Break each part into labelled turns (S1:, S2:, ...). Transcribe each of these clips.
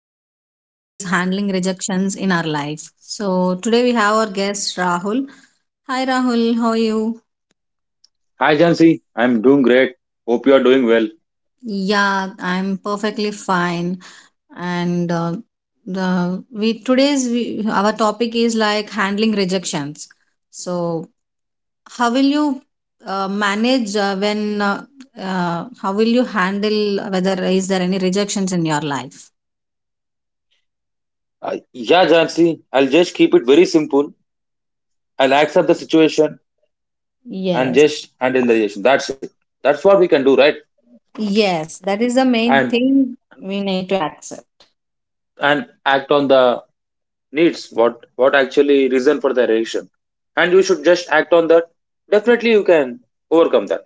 S1: our topic is handling rejections in our life. So, today we have our guest, Rahul. Hi, Rahul. How are you?
S2: Hi Jansi, I'm doing great. Hope you are doing well.
S1: Yeah, I'm perfectly fine. And the we today's we, Our topic is like handling rejections. So, how will you manage when how will you handle whether is there any rejections in your life?
S2: Yeah, Jansi, I'll just keep it very simple. I'll accept the situation and
S1: Yes.
S2: just handle the relation. That's it. That's what we can do, right?
S1: Yes, that is the main
S2: And
S1: thing we need to accept.
S2: and act on the needs. What actually reason for the relation? And you should just act on that. Definitely, you can overcome that.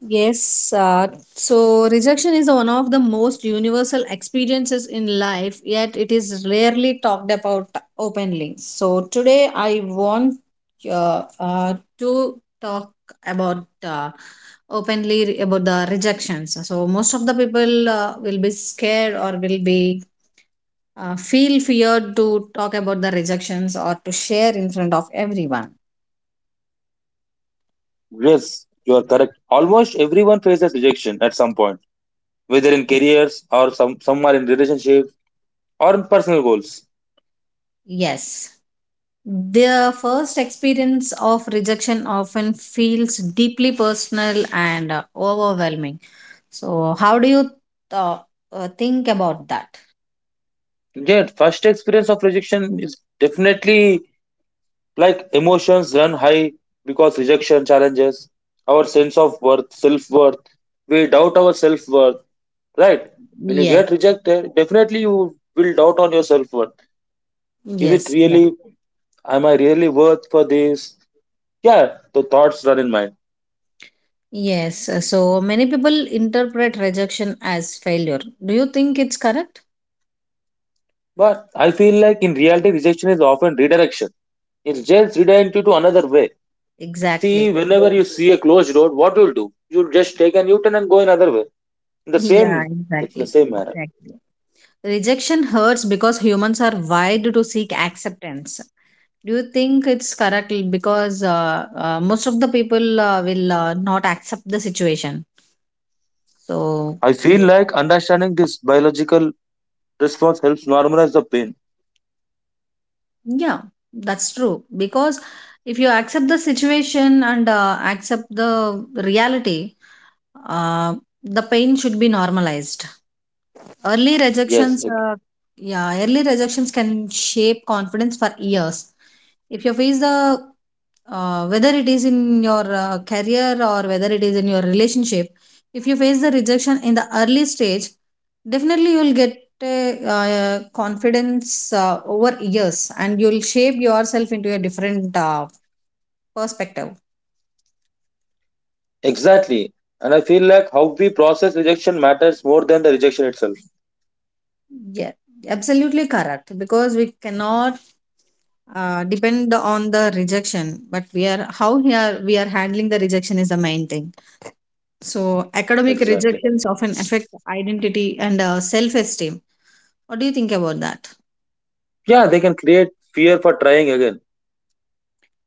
S1: Yes, uh, so rejection is one of the most universal experiences in life, yet it is rarely talked about openly. So today I want to talk about openly about the rejections. So most of the people will be scared or will be feel feared to talk about the rejections or to share in front of everyone.
S2: Yes, you are correct. Almost everyone faces rejection at some point, whether in careers or some are in relationships or in personal goals.
S1: Yes. Their first experience of rejection often feels deeply personal and overwhelming. So, how do you uh, think about that?
S2: Yeah, first experience of rejection is definitely like emotions run high because rejection challenges our sense of worth, self worth. We doubt our self worth, right? When you
S1: Yes.
S2: get rejected, definitely you will doubt on your self worth. Is it
S1: Yes, yes.
S2: really? Am I really worth for this? Yeah, the thoughts run in mind.
S1: Yes. So, many people interpret rejection as failure. Do you think it's correct?
S2: But I feel like in reality, rejection is often redirection. It's just redirect you to another way. See,
S1: Exactly.
S2: whenever you see a closed road, what you'll do? You'll just take an U-turn and go another way. In the
S1: Yeah,
S2: same, that's in the
S1: exactly.
S2: same manner.
S1: Exactly. Rejection hurts because humans are wired to seek acceptance. Do you think it's correct because most of the people will not accept the situation? So,
S2: I feel like understanding this biological response helps normalize the pain.
S1: yeah, that's true. Because if you accept the situation and accept the reality, uh, the pain should be normalized. Early
S2: Yes,
S1: yeah, early rejections can shape confidence for years. If you face the whether it is in your career or whether it is in your relationship, if you face the rejection in the early stage, definitely you will get a, confidence over years and you will shape yourself into a different perspective.
S2: exactly. And I feel like how we process rejection matters more than the rejection itself.
S1: Yeah, absolutely correct because we cannot depend on the rejection, but we are how we are handling the rejection is the main thing. So academic
S2: Exactly.
S1: rejections often affect identity and self esteem. What do you think about that?
S2: Yeah, they can create fear for trying again.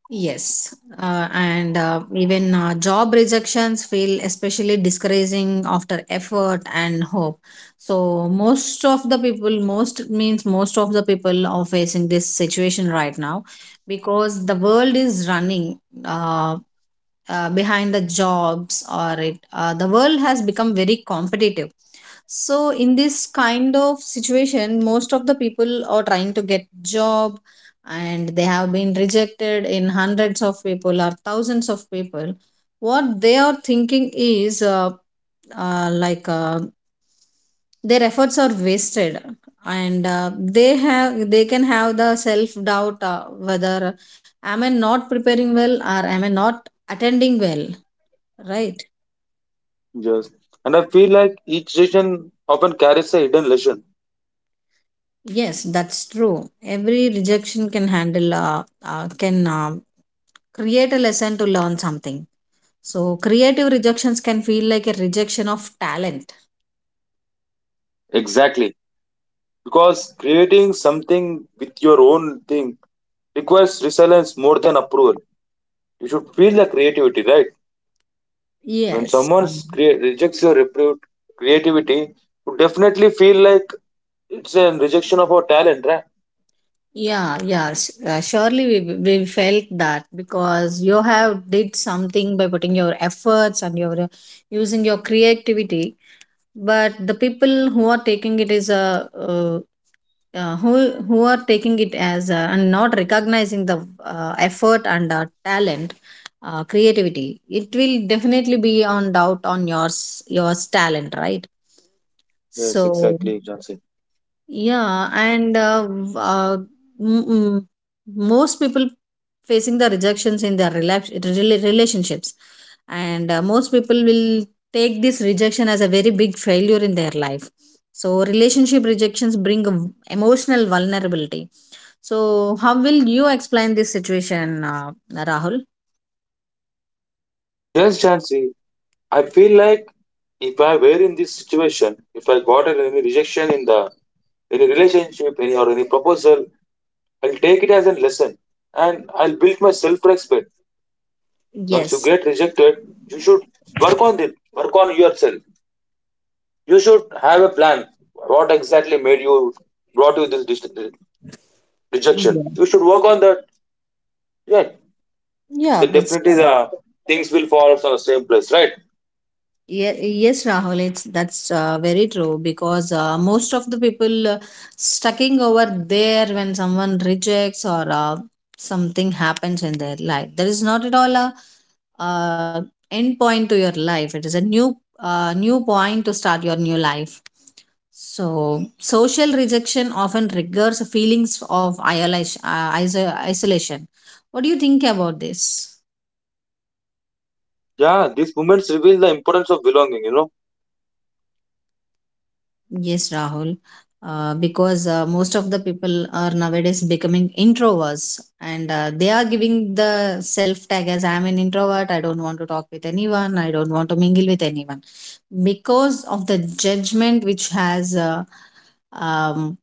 S1: Yes, and even job rejections feel especially discouraging after effort and hope. So, most of the people, most means most of the people are facing this situation right now because the world is running. Behind the jobs, or it the world has become very competitive, so in this kind of situation most of the people are trying to get job, and they have been rejected in hundreds of people or thousands of people. What they are thinking is uh, like uh, their efforts are wasted, and they can have the self doubt, whether am I not preparing well or am I not attending well, right?
S2: Yes. And I feel like each rejection often carries a hidden lesson.
S1: Yes, that's true. Every rejection can handle can create a lesson to learn something. So creative rejections can feel like a rejection of talent.
S2: Exactly. Because creating something with your own thing requires resilience more than approval. You should feel the creativity, right? When
S1: Yes.
S2: someone rejects your repute, creativity, you definitely feel like it's a rejection of our talent, right?
S1: Yeah, yeah. Surely we felt that because you have did something by putting your efforts and your using your creativity. But the people who are taking it is a who are taking it as a, and not recognizing the effort and talent, creativity. It will definitely be on doubt on your your talent, right?
S2: Yes,
S1: So
S2: exactly, Johnson.
S1: yeah, and w- m- m- most people facing the rejections in their relationships, and most people will take this rejection as a very big failure in their life. So relationship rejections bring emotional vulnerability. So how will you explain this situation, Rahul?
S2: Yes, Jansi. I feel like if I were in this situation, if I got any rejection in the any relationship, any proposal, I'll take it as a lesson and I'll build my self-respect. Once you
S1: Yes.
S2: get rejected, you should work on it. Work on yourself. You should have a plan. What exactly made you brought you this rejection.
S1: Yeah.
S2: You should work on that. Yeah,
S1: Yeah,
S2: then
S1: that's
S2: definitely
S1: correct.
S2: the things will fall on the same place, right?
S1: Yeah, yes, Rahul, it's that's very true because most of the people stucking over there when someone rejects or something happens in their life. There is not at all a uh, end point to your life. It is a new new point to start your new life. So social rejection often triggers feelings of isolation. Isolation. What do you think about this?
S2: Yeah, these moments reveal the importance of belonging.
S1: Yes, Rahul. Because Most of the people are nowadays becoming introverts, and they are giving the self tag as I'm an introvert, I don't want to talk with anyone, I don't want to mingle with anyone. Because of the judgment which has um,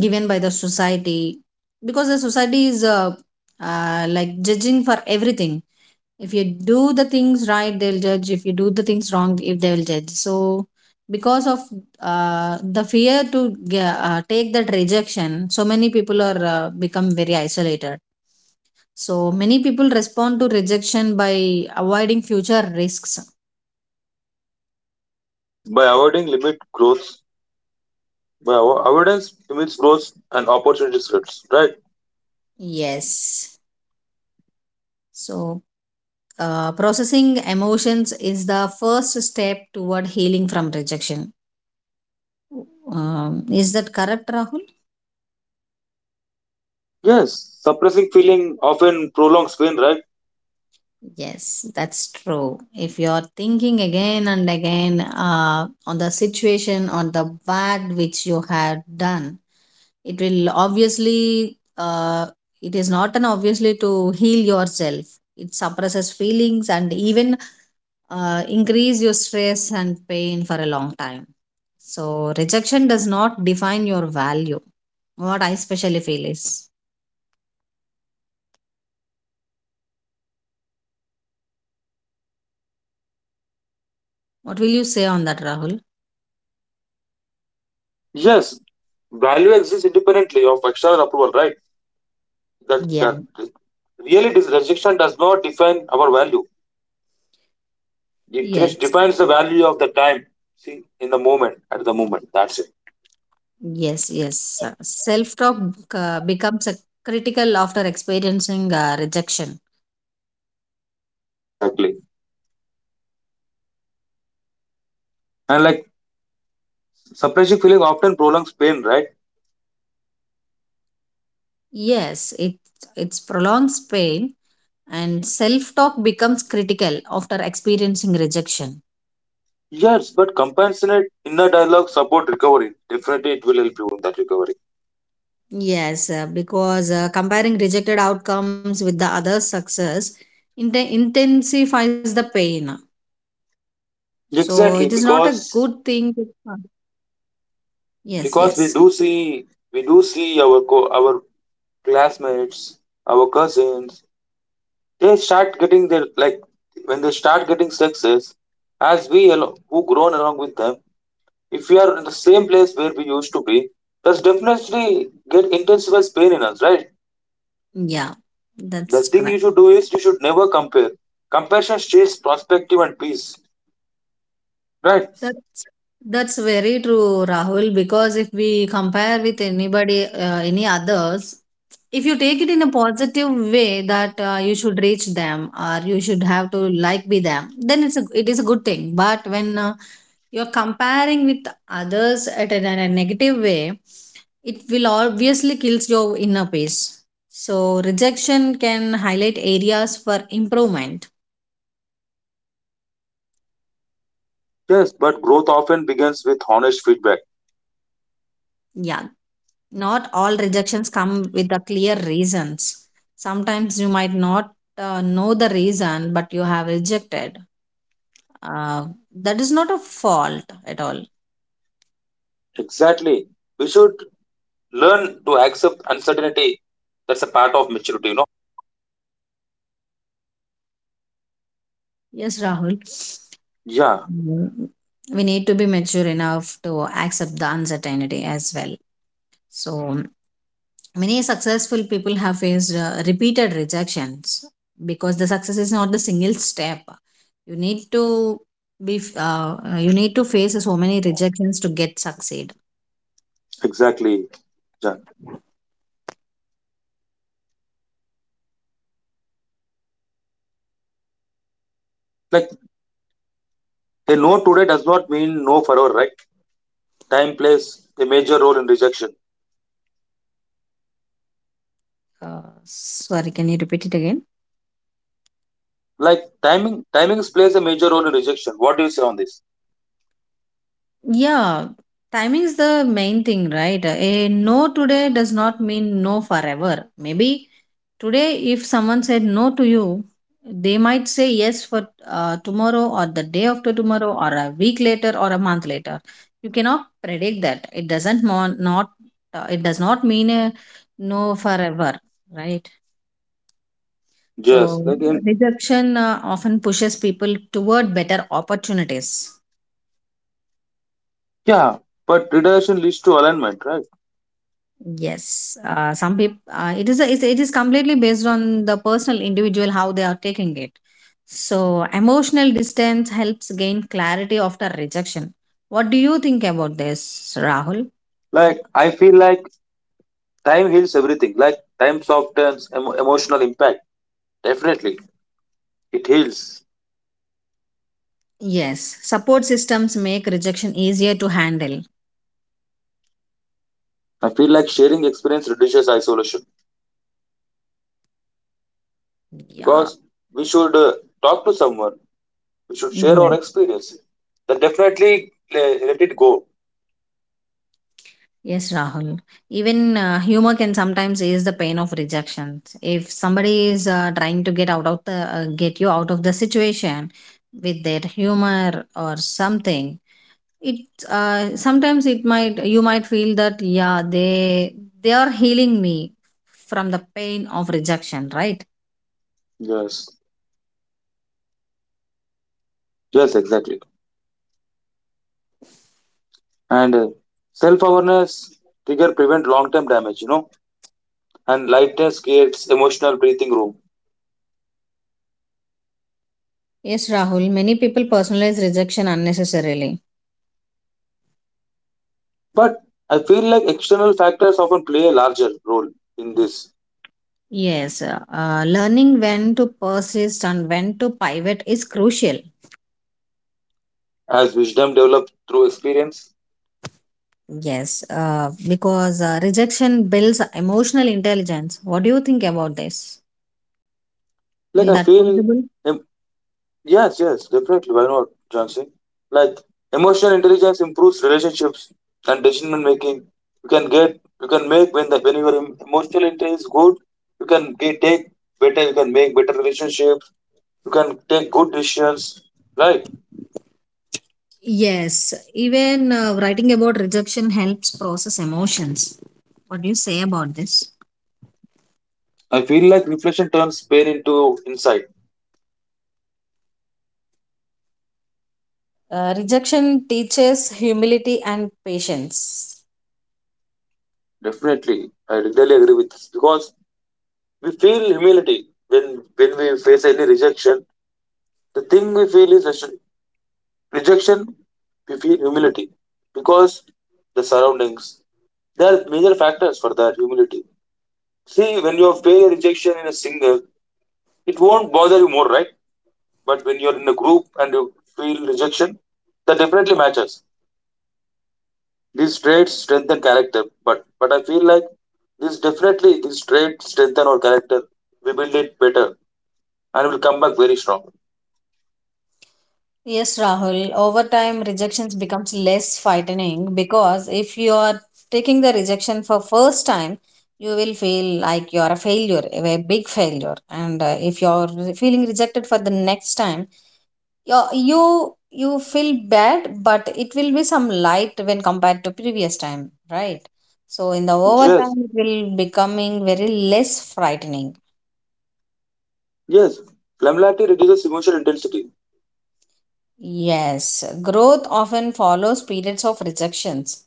S1: given by the society, because the society is like judging for everything. If you do the things right, they'll judge; if you do the things wrong, if they will judge. So because of the fear to take that rejection, so many people are become very isolated. So many people respond to rejection by avoiding future risks.
S2: Yes, by avoiding limit growth, by avoidance limits growth and opportunity slips, right?
S1: Yes, so processing emotions is the first step toward healing from rejection. Is that correct, Rahul?
S2: Yes, suppressing feeling often prolongs pain, right?
S1: Yes, that's true. If you're thinking again and again on the situation or the bad which you had done, it will obviously, it is not an obviously to heal yourself. It suppresses feelings and even increase your stress and pain for a long time. So rejection does not define your value. What I especially feel is. What will you say on that, Rahul?
S2: Yes, value exists independently of external approval, right? That
S1: Yeah.
S2: that really this rejection does not define our value. It just
S1: Yes.
S2: defines the value of the time, see, in the moment, at the moment. That's it.
S1: Yes, yes. Self talk becomes a critical after experiencing rejection.
S2: Exactly. And like suppressing feeling often prolongs pain, right?
S1: Yes, it's prolongs pain, and self talk becomes critical after experiencing rejection.
S2: Yes, but compassionate inner dialogue support recovery. Definitely it will help you in that recovery.
S1: Yes, because comparing rejected outcomes with the other success intensifies the pain. So it is not a good
S2: Exactly,
S1: thing.
S2: because
S1: Yes, yes.
S2: because we do see our classmates, our cousins, they start getting their like when they start getting success, as who grown along with them, if we are in the same place where we used to be, that's definitely get intensifies pain in us, right?
S1: Yeah,
S2: The
S1: that's
S2: thing
S1: correct.
S2: you should do is you should never compare. Comparison steals perspective and peace. Right?
S1: That's very true, Rahul. Because if we compare with anybody, any others, if you take it in a positive way that you should reach them or you should have to like be them, then it is a good thing. But when you're comparing with others at a, in a negative way, it will obviously kills your inner peace. So rejection can highlight areas for improvement.
S2: Yes, but growth often begins with honest feedback.
S1: Yeah. Not all rejections come with the clear reasons. Sometimes you might not know the reason, but you have rejected. Uh, that is not a fault at all.
S2: Exactly. We should learn to accept uncertainty. That's a part of maturity, you know?
S1: Yes, Rahul.
S2: Yeah,
S1: Mm. We need to be mature enough to accept the uncertainty as well. So, many successful people have faced repeated rejections because the success is not the single step. You need to be you need to face so many rejections to get succeed.
S2: exactly. Yeah. Like a no today does not mean no forever, right? Time plays a major role in rejection.
S1: Sorry, can you repeat it again?
S2: Like timings plays a major role in rejection. What do you say on this?
S1: Yeah, timing's the main thing, right? A no today does not mean no forever. Maybe today, if someone said no to you, they might say yes for tomorrow or the day after tomorrow or a week later or a month later. You cannot predict that. It does not mean a no forever, right?
S2: Yes.
S1: So
S2: Like in
S1: rejection often pushes people toward better opportunities.
S2: yeah. But redirection leads to alignment, right?
S1: Yes, some people. It is completely based on the personal individual how they are taking it. So emotional distance helps gain clarity after rejection. What do you think about this, Rahul?
S2: Like I feel like time heals everything. Like time softens emotional impact. Definitely, it heals.
S1: Yes, support systems make rejection easier to handle.
S2: I feel like sharing experience reduces isolation
S1: Yeah.
S2: because we should talk to someone. We should share our
S1: Yes.
S2: experience. Then definitely let it go.
S1: Yes, Rahul. Even humor can sometimes ease the pain of rejection. If somebody is trying to get out of the get you out of the situation with their humor or something, it sometimes it might you might feel that yeah they are healing me from the pain of rejection, right?
S2: Yes. Yes, exactly. And self awareness trigger prevent long term damage. You know, and lightness creates emotional breathing room.
S1: Yes, Rahul. Many people personalize rejection unnecessarily.
S2: But I feel like external factors often play a larger role in this.
S1: Yes, learning when to persist and when to pivot is crucial.
S2: As wisdom developed through experience,
S1: Yes, because rejection builds emotional intelligence. What do you think about this? Will
S2: like I
S1: that
S2: feel,
S1: possible?
S2: em- yes, yes, definitely. Why not, Johnson? Like emotional intelligence improves relationships and decision making. You can make when the when your emotional intelligence is good, take better, you can make better relationships, you can take good decisions. Right?
S1: Yes, even writing about rejection helps process emotions. What do you say about this?
S2: I feel like reflection turns pain into insight.
S1: Rejection teaches humility and patience.
S2: Definitely, I really agree with this because we feel humility when we face any rejection. The thing we feel is rejection. We feel humility because the surroundings. There are major factors for that humility. See, when you feel a rejection in a single, it won't bother you more, right? But when you're in a group and you feel rejection, that definitely matters. These traits strengthen character, but I feel like this definitely this trait strengthen our character. We build it better and will come back very strong.
S1: Yes, Rahul. Over time, rejections becomes less frightening because if you are taking the rejection for first time, you will feel like you are a failure, a big failure. And if you are feeling rejected for the next time, you feel bad, but it will be some light when compared to previous time, right? So in the over time,
S2: Yes,
S1: it will becoming very less frightening.
S2: yes. Flammability reduces emotional intensity.
S1: Yes, growth often follows periods of rejections.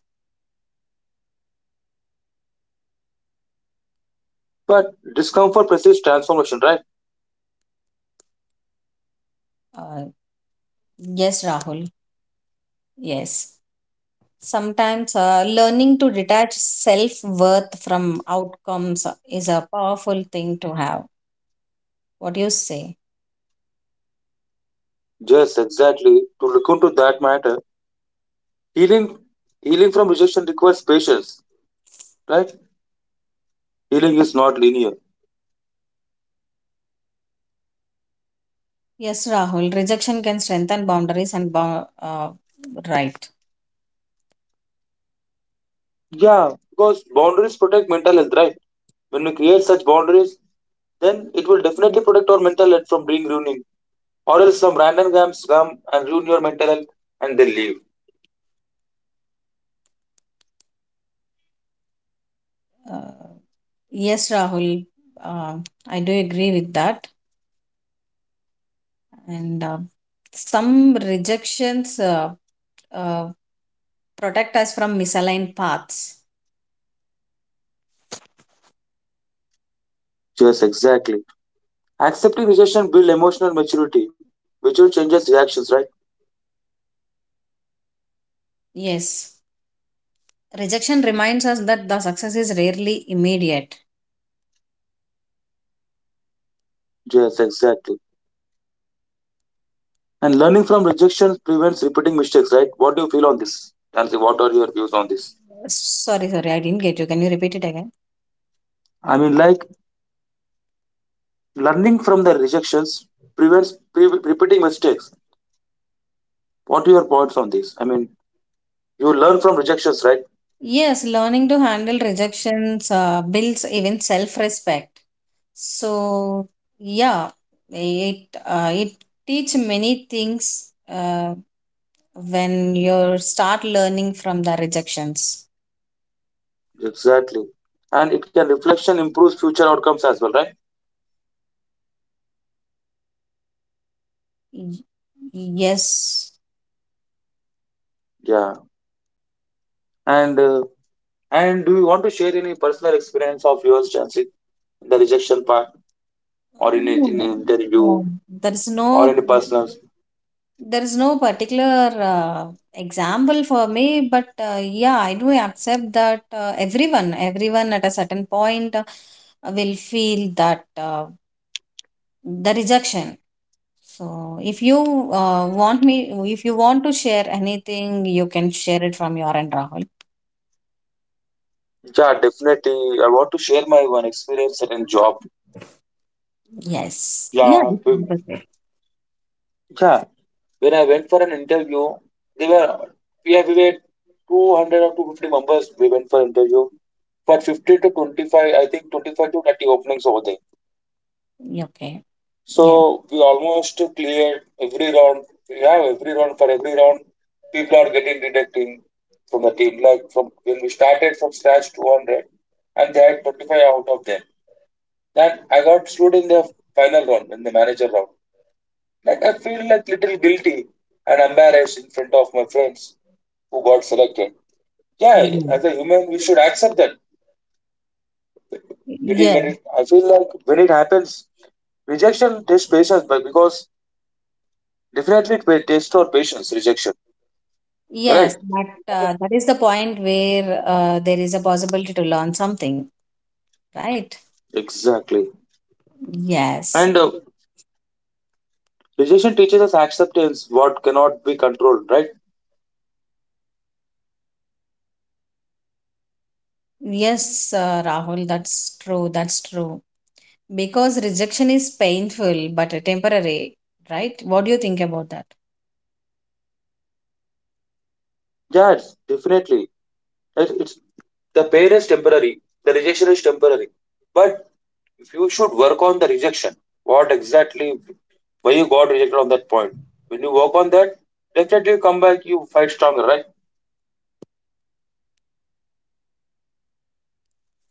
S2: But discomfort precedes transformation, right?
S1: Uh, Yes, Rahul. Yes. Sometimes learning to detach self worth from outcomes is a powerful thing to have. What do you say?
S2: Yes, exactly. To look into that matter, healing healing from rejection requires patience, right? Healing is not linear.
S1: Yes, Rahul. Rejection can strengthen boundaries and right.
S2: Yeah, because boundaries protect mental health, right? When we create such boundaries, then it will definitely protect our mental health from being ruining. Or else some random games come and ruin your mental health and they leave.
S1: Uh, yes, Rahul. Uh, I do agree with that. And some rejections uh, protect us from misaligned paths.
S2: Yes, exactly. Accepting rejection builds emotional maturity, which will changes reactions, right?
S1: Yes. Rejection reminds us that the success is rarely immediate.
S2: Yes, exactly. And learning from rejection prevents repeating mistakes, right? What do you feel on this? Nancy, what are your views on this?
S1: Sorry, sorry, I didn't get you. Can you repeat it again?
S2: I mean, like learning from the rejections prevents repeating mistakes. What are your points on this? I mean, you learn from rejections, right?
S1: Yes, learning to handle rejections builds even self-respect. So yeah, it teach many things when you start learning from the rejections.
S2: Exactly. And it can reflection improves future outcomes as well, right?
S1: Y- Yes,
S2: Yeah. And uh, and do you want to share any personal experience of yours, Nancy, in the rejection part, or in
S1: no,
S2: an interview,
S1: no, there is
S2: or
S1: no.
S2: any personal
S1: There is no particular example for me, but yeah, I do accept that everyone at a certain point will feel that the rejection. So, if you want to share anything, you can share it from your end, Rahul.
S2: yeah, definitely. I want to share my one experience at a job.
S1: Yes. Yeah.
S2: Yeah,
S1: You
S2: b-
S1: can do
S2: yeah. When I went for an interview, they were we have we were 200 or 250 members. We went for interview for 50 to 25. I think 25 to 30 openings over there.
S1: that. Okay. Yes.
S2: So we almost cleared every round. Yeah, every round people are getting deducting from the team. Like from when we started from scratch 200, and they had 25 out of them. Then I got screwed in the final round in the manager round. Like I feel like little guilty and embarrassed in front of my friends who got selected. Yeah,
S1: Mm.
S2: as a human, we should accept that. It is when
S1: Yes.
S2: it, I feel like when it happens, rejection tests patience, but because definitely it will test our patience. Rejection,
S1: Yes.
S2: correct?
S1: But that is the point where there is a possibility to learn something, right?
S2: Exactly.
S1: Yes.
S2: And rejection teaches us acceptance, what cannot be controlled, right?
S1: Yes, Rahul, that's true. That's true. Because rejection is painful but temporary, right? What do you think about that?
S2: Yeah, definitely. It The pain is temporary, the rejection is temporary. But you should work on the rejection. What exactly why you got rejected on that point? When you work on that, definitely you come back, you fight stronger, right?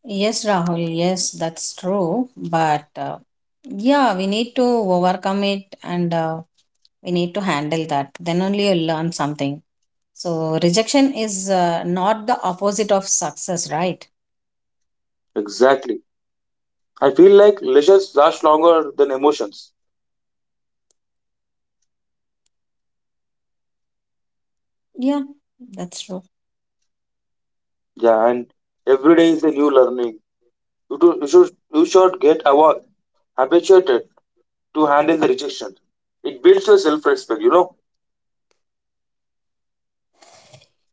S1: Yes, Rahul, yes, that's true. But yeah, we need to overcome it and we need to handle that. Then only you'll learn something. So, rejection is not the opposite of success, right?
S2: Exactly. I feel like lessons last longer than emotions.
S1: Yeah, that's true.
S2: Yeah, and every day is a new learning. You should get award, habituated to handle the rejection. It builds your self respect, you know?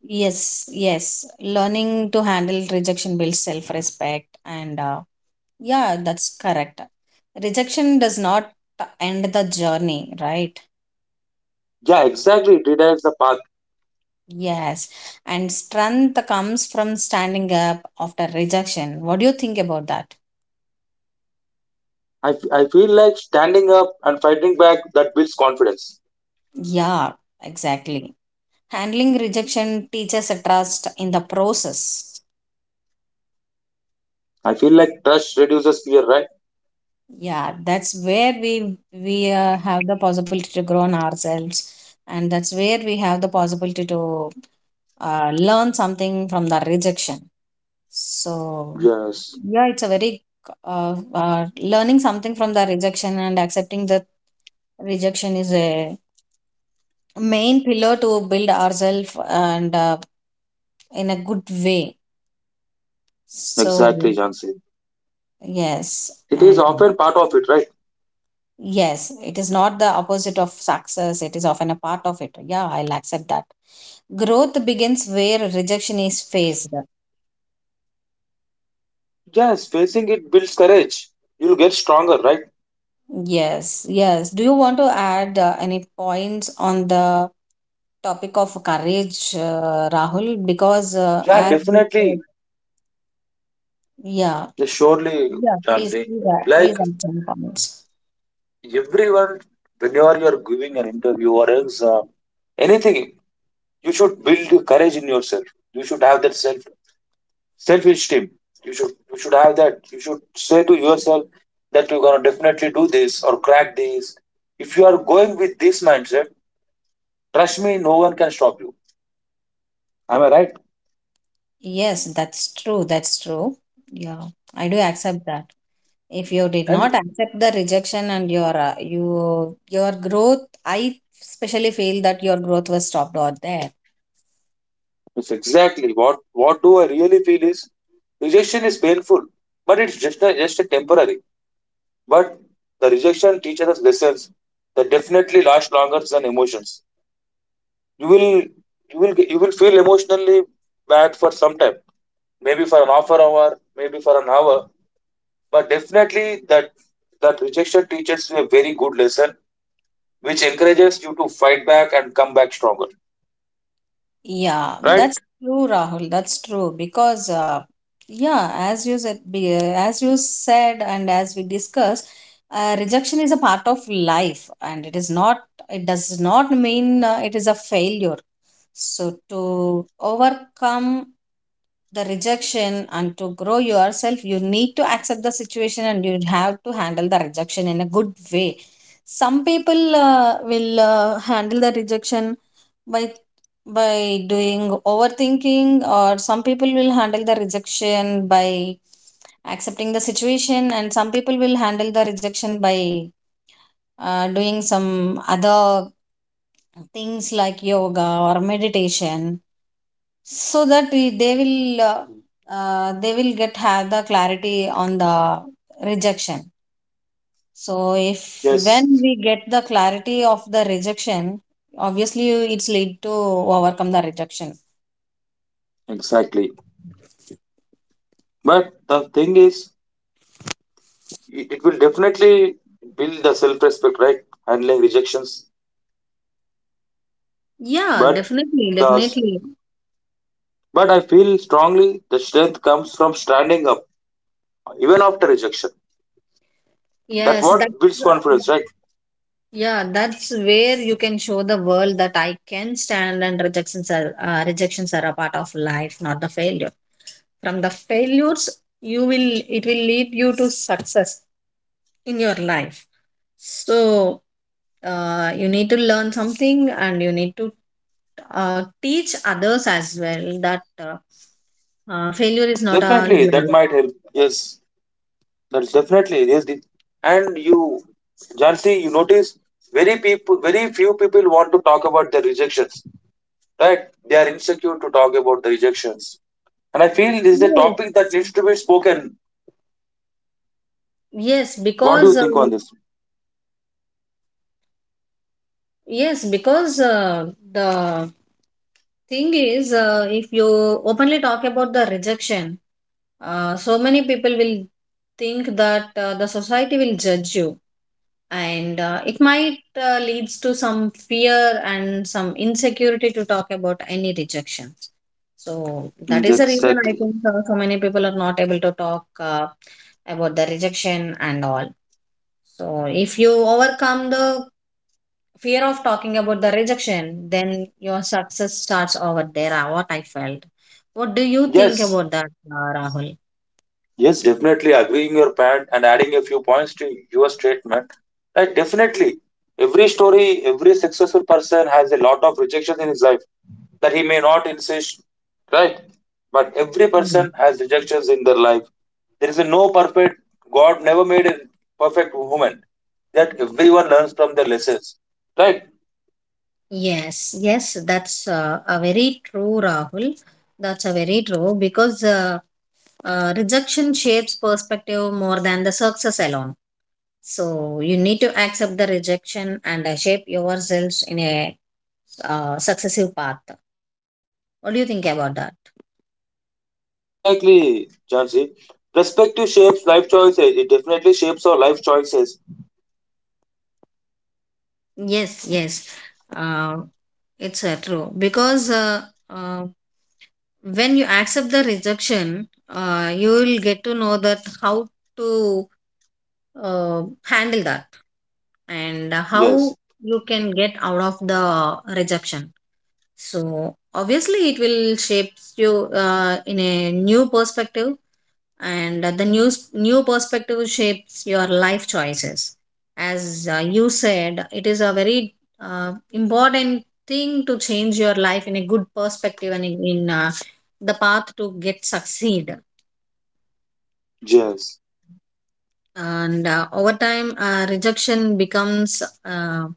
S1: Yes, yes. Learning to handle rejection builds self respect and yeah, that's correct. Rejection does not end the journey, right?
S2: Yeah, exactly. It redirects the path.
S1: Yes. And strength comes from standing up after rejection. What do you think about that?
S2: I feel like standing up and fighting back that builds confidence.
S1: Yeah, exactly. Handling rejection teaches a trust in the process.
S2: I feel like trust reduces fear, right?
S1: Yeah, that's where we have the possibility to grow on ourselves, and that's where we have the possibility to learn something from the rejection. So,
S2: Yes,
S1: yeah, it's a very learning something from the rejection and accepting the rejection is a main pillar to build ourselves and in a good way. So,
S2: exactly, Jansi.
S1: yes,
S2: It is
S1: and
S2: often part of it, right?
S1: yes, it is not the opposite of success, it is often a part of it. Yeah, I'll accept that. Growth begins where rejection is faced.
S2: Yes, facing it builds courage. You'll get stronger, right?
S1: Yes, yes. Do you want to add any points on the topic of courage, Rahul, because
S2: Yeah,
S1: as you
S2: definitely.
S1: said, yeah,
S2: Yes, surely,
S1: yeah, please,
S2: Jansi.
S1: please, please
S2: Like
S1: add some comments.
S2: everyone, whenever you're giving an interview or exam, anything, you should build courage in yourself. You should have that self esteem. You should you should have that. You should say to yourself that you're going to definitely do this or crack this. If you are going with this mindset, trust me, no one can stop you. Am I right?
S1: Yes, that's true. That's true. Yeah, I do accept that. If you did
S2: And
S1: not accept the rejection and your growth, I especially feel that your growth was stopped out there.
S2: it's exactly what do I really feel is rejection is painful, but it's just a temporary. But the rejection teaches us lessons that definitely last longer than emotions. You will feel emotionally bad for some time, maybe for an half an hour, maybe for an hour. But definitely that rejection teaches you a very good lesson which encourages you to fight back and come back stronger.
S1: Yeah,
S2: Right?
S1: that's true, Rahul. That's true because, yeah, as you said, and as we discussed, rejection is a part of life, and it is not. It does not mean it is a failure. So to overcome the rejection and to grow yourself, you need to accept the situation and you have to handle the rejection in a good way. Some people will handle the rejection by by doing overthinking, or some people will handle the rejection by accepting the situation, and some people will handle the rejection by doing some other things like yoga or meditation so that they will get have the clarity on the rejection. So if when
S2: Yes.
S1: we get the clarity of the rejection, obviously it's lead to overcome the rejection.
S2: Exactly. But the thing is, it will definitely build the self-respect, right? Handling rejections.
S1: Yeah,
S2: But
S1: definitely,
S2: the
S1: definitely.
S2: but I feel strongly the strength comes from standing up even after rejection. That
S1: Yes, that
S2: what builds confidence, right?
S1: yeah, that's where you can show the world that I can stand, and rejections are a part of life, not the failure. From the failures, you will it will lead you to success in your life. So, you need to learn something and you need to teach others as well that failure is not a
S2: Definitely, that
S1: life.
S2: might help. Yes. That's definitely it is. And you, Jansi, you notice very few people want to talk about their rejections, right? They are insecure to talk about the rejections, and I feel this is a topic that
S1: Yes.
S2: needs to be spoken.
S1: Yes,
S2: What do
S1: because
S2: you think on this?
S1: yes, because the thing is, if you openly talk about the rejection, so many people will think that the society will judge you, and it might leads to some fear and some insecurity to talk about any rejections. So that
S2: Mm,
S1: is the reason I
S2: exactly.
S1: think so many people are not able to talk about the rejection and all. So if you overcome the fear of talking about the rejection, then your success starts over there. Ah, what I felt. What do you think
S2: Yes,
S1: about that, Rahul?
S2: yes, definitely agreeing your point and adding a few points to your statement. Like definitely, every story, every successful person has a lot of rejections in his life that he may not insist, right? But every
S1: Mm.
S2: person has rejections in their life. There is a no perfect. God never made a perfect woman. That everyone learns from their lessons, right?
S1: Yes, yes, that's a very true, Rahul. That's a very true because rejection shapes perspective more than the success alone. So you need to accept the rejection and shape yourselves in a successive path. What do you think about that?
S2: Exactly, Jansi. Perspective shapes life choices. It definitely shapes our life choices.
S1: Yes, yes. Uh, it's true because uh, when you accept the rejection, you will get to know that how to handle that and
S2: Yes,
S1: how you can get out of the rejection. So obviously, it will shape you in a new perspective, and the news new perspective shapes your life choices. As you said, it is a very important thing to change your life in a good perspective and the path to get succeed,
S2: yes.
S1: and over time rejection becomes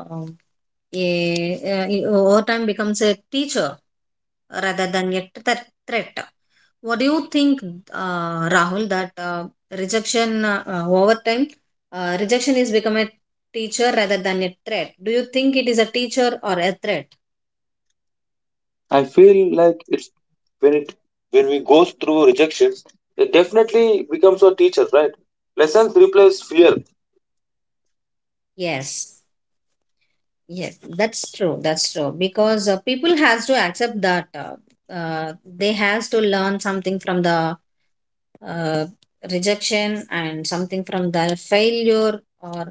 S1: uh, over time becomes a teacher rather than a threat. What do you think, Rahul, that rejection, over time, rejection is become a teacher rather than a threat? Do you think it is a teacher or a threat?
S2: I feel like it's when it when we go through rejections, it definitely becomes a teacher, right? Lessons replace fear.
S1: Yes, yes, that's true. That's true because people has to accept that they has to learn something from the uh, rejection and something from the failure, or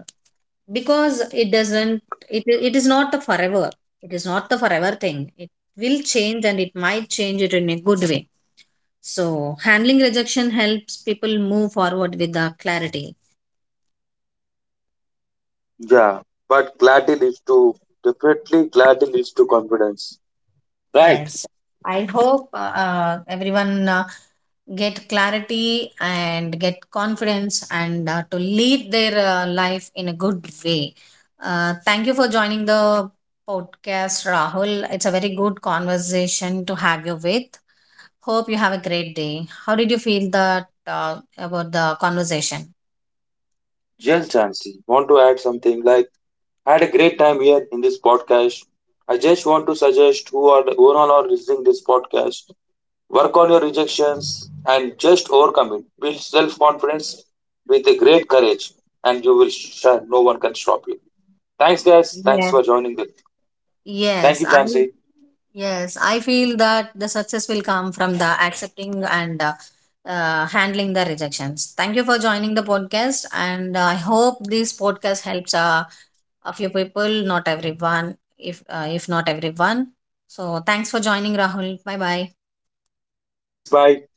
S1: because it doesn't, it is not the forever, it is not the forever thing, it will change and it might change it in a good way. So handling rejection helps people move forward with the clarity.
S2: Yeah, but clarity leads to definitely clarity leads to confidence, right?
S1: Yes, I hope everyone get clarity and get confidence and to lead their life in a good way. Thank you for joining the podcast, Rahul. It's a very good conversation to have you with. Hope you have a great day. How did you feel that about the conversation?
S2: Yes, Jansi, want to add something like I had a great time here in this podcast. I just want to suggest who all are listening this podcast. Work on your rejections and just overcome it. Build self confidence with a great courage, and you will shine. No one can stop you. Thanks, guys. Thanks for
S1: Yes.
S2: joining. Thank
S1: Yes,
S2: you,
S1: I
S2: Jansi.
S1: yes, I feel that the success will come from the accepting and handling the rejections. Thank you for joining the podcast, and I hope this podcast helps a few people, not everyone. If not everyone, so thanks for joining, Rahul. Bye bye.
S2: Thanks. Bye.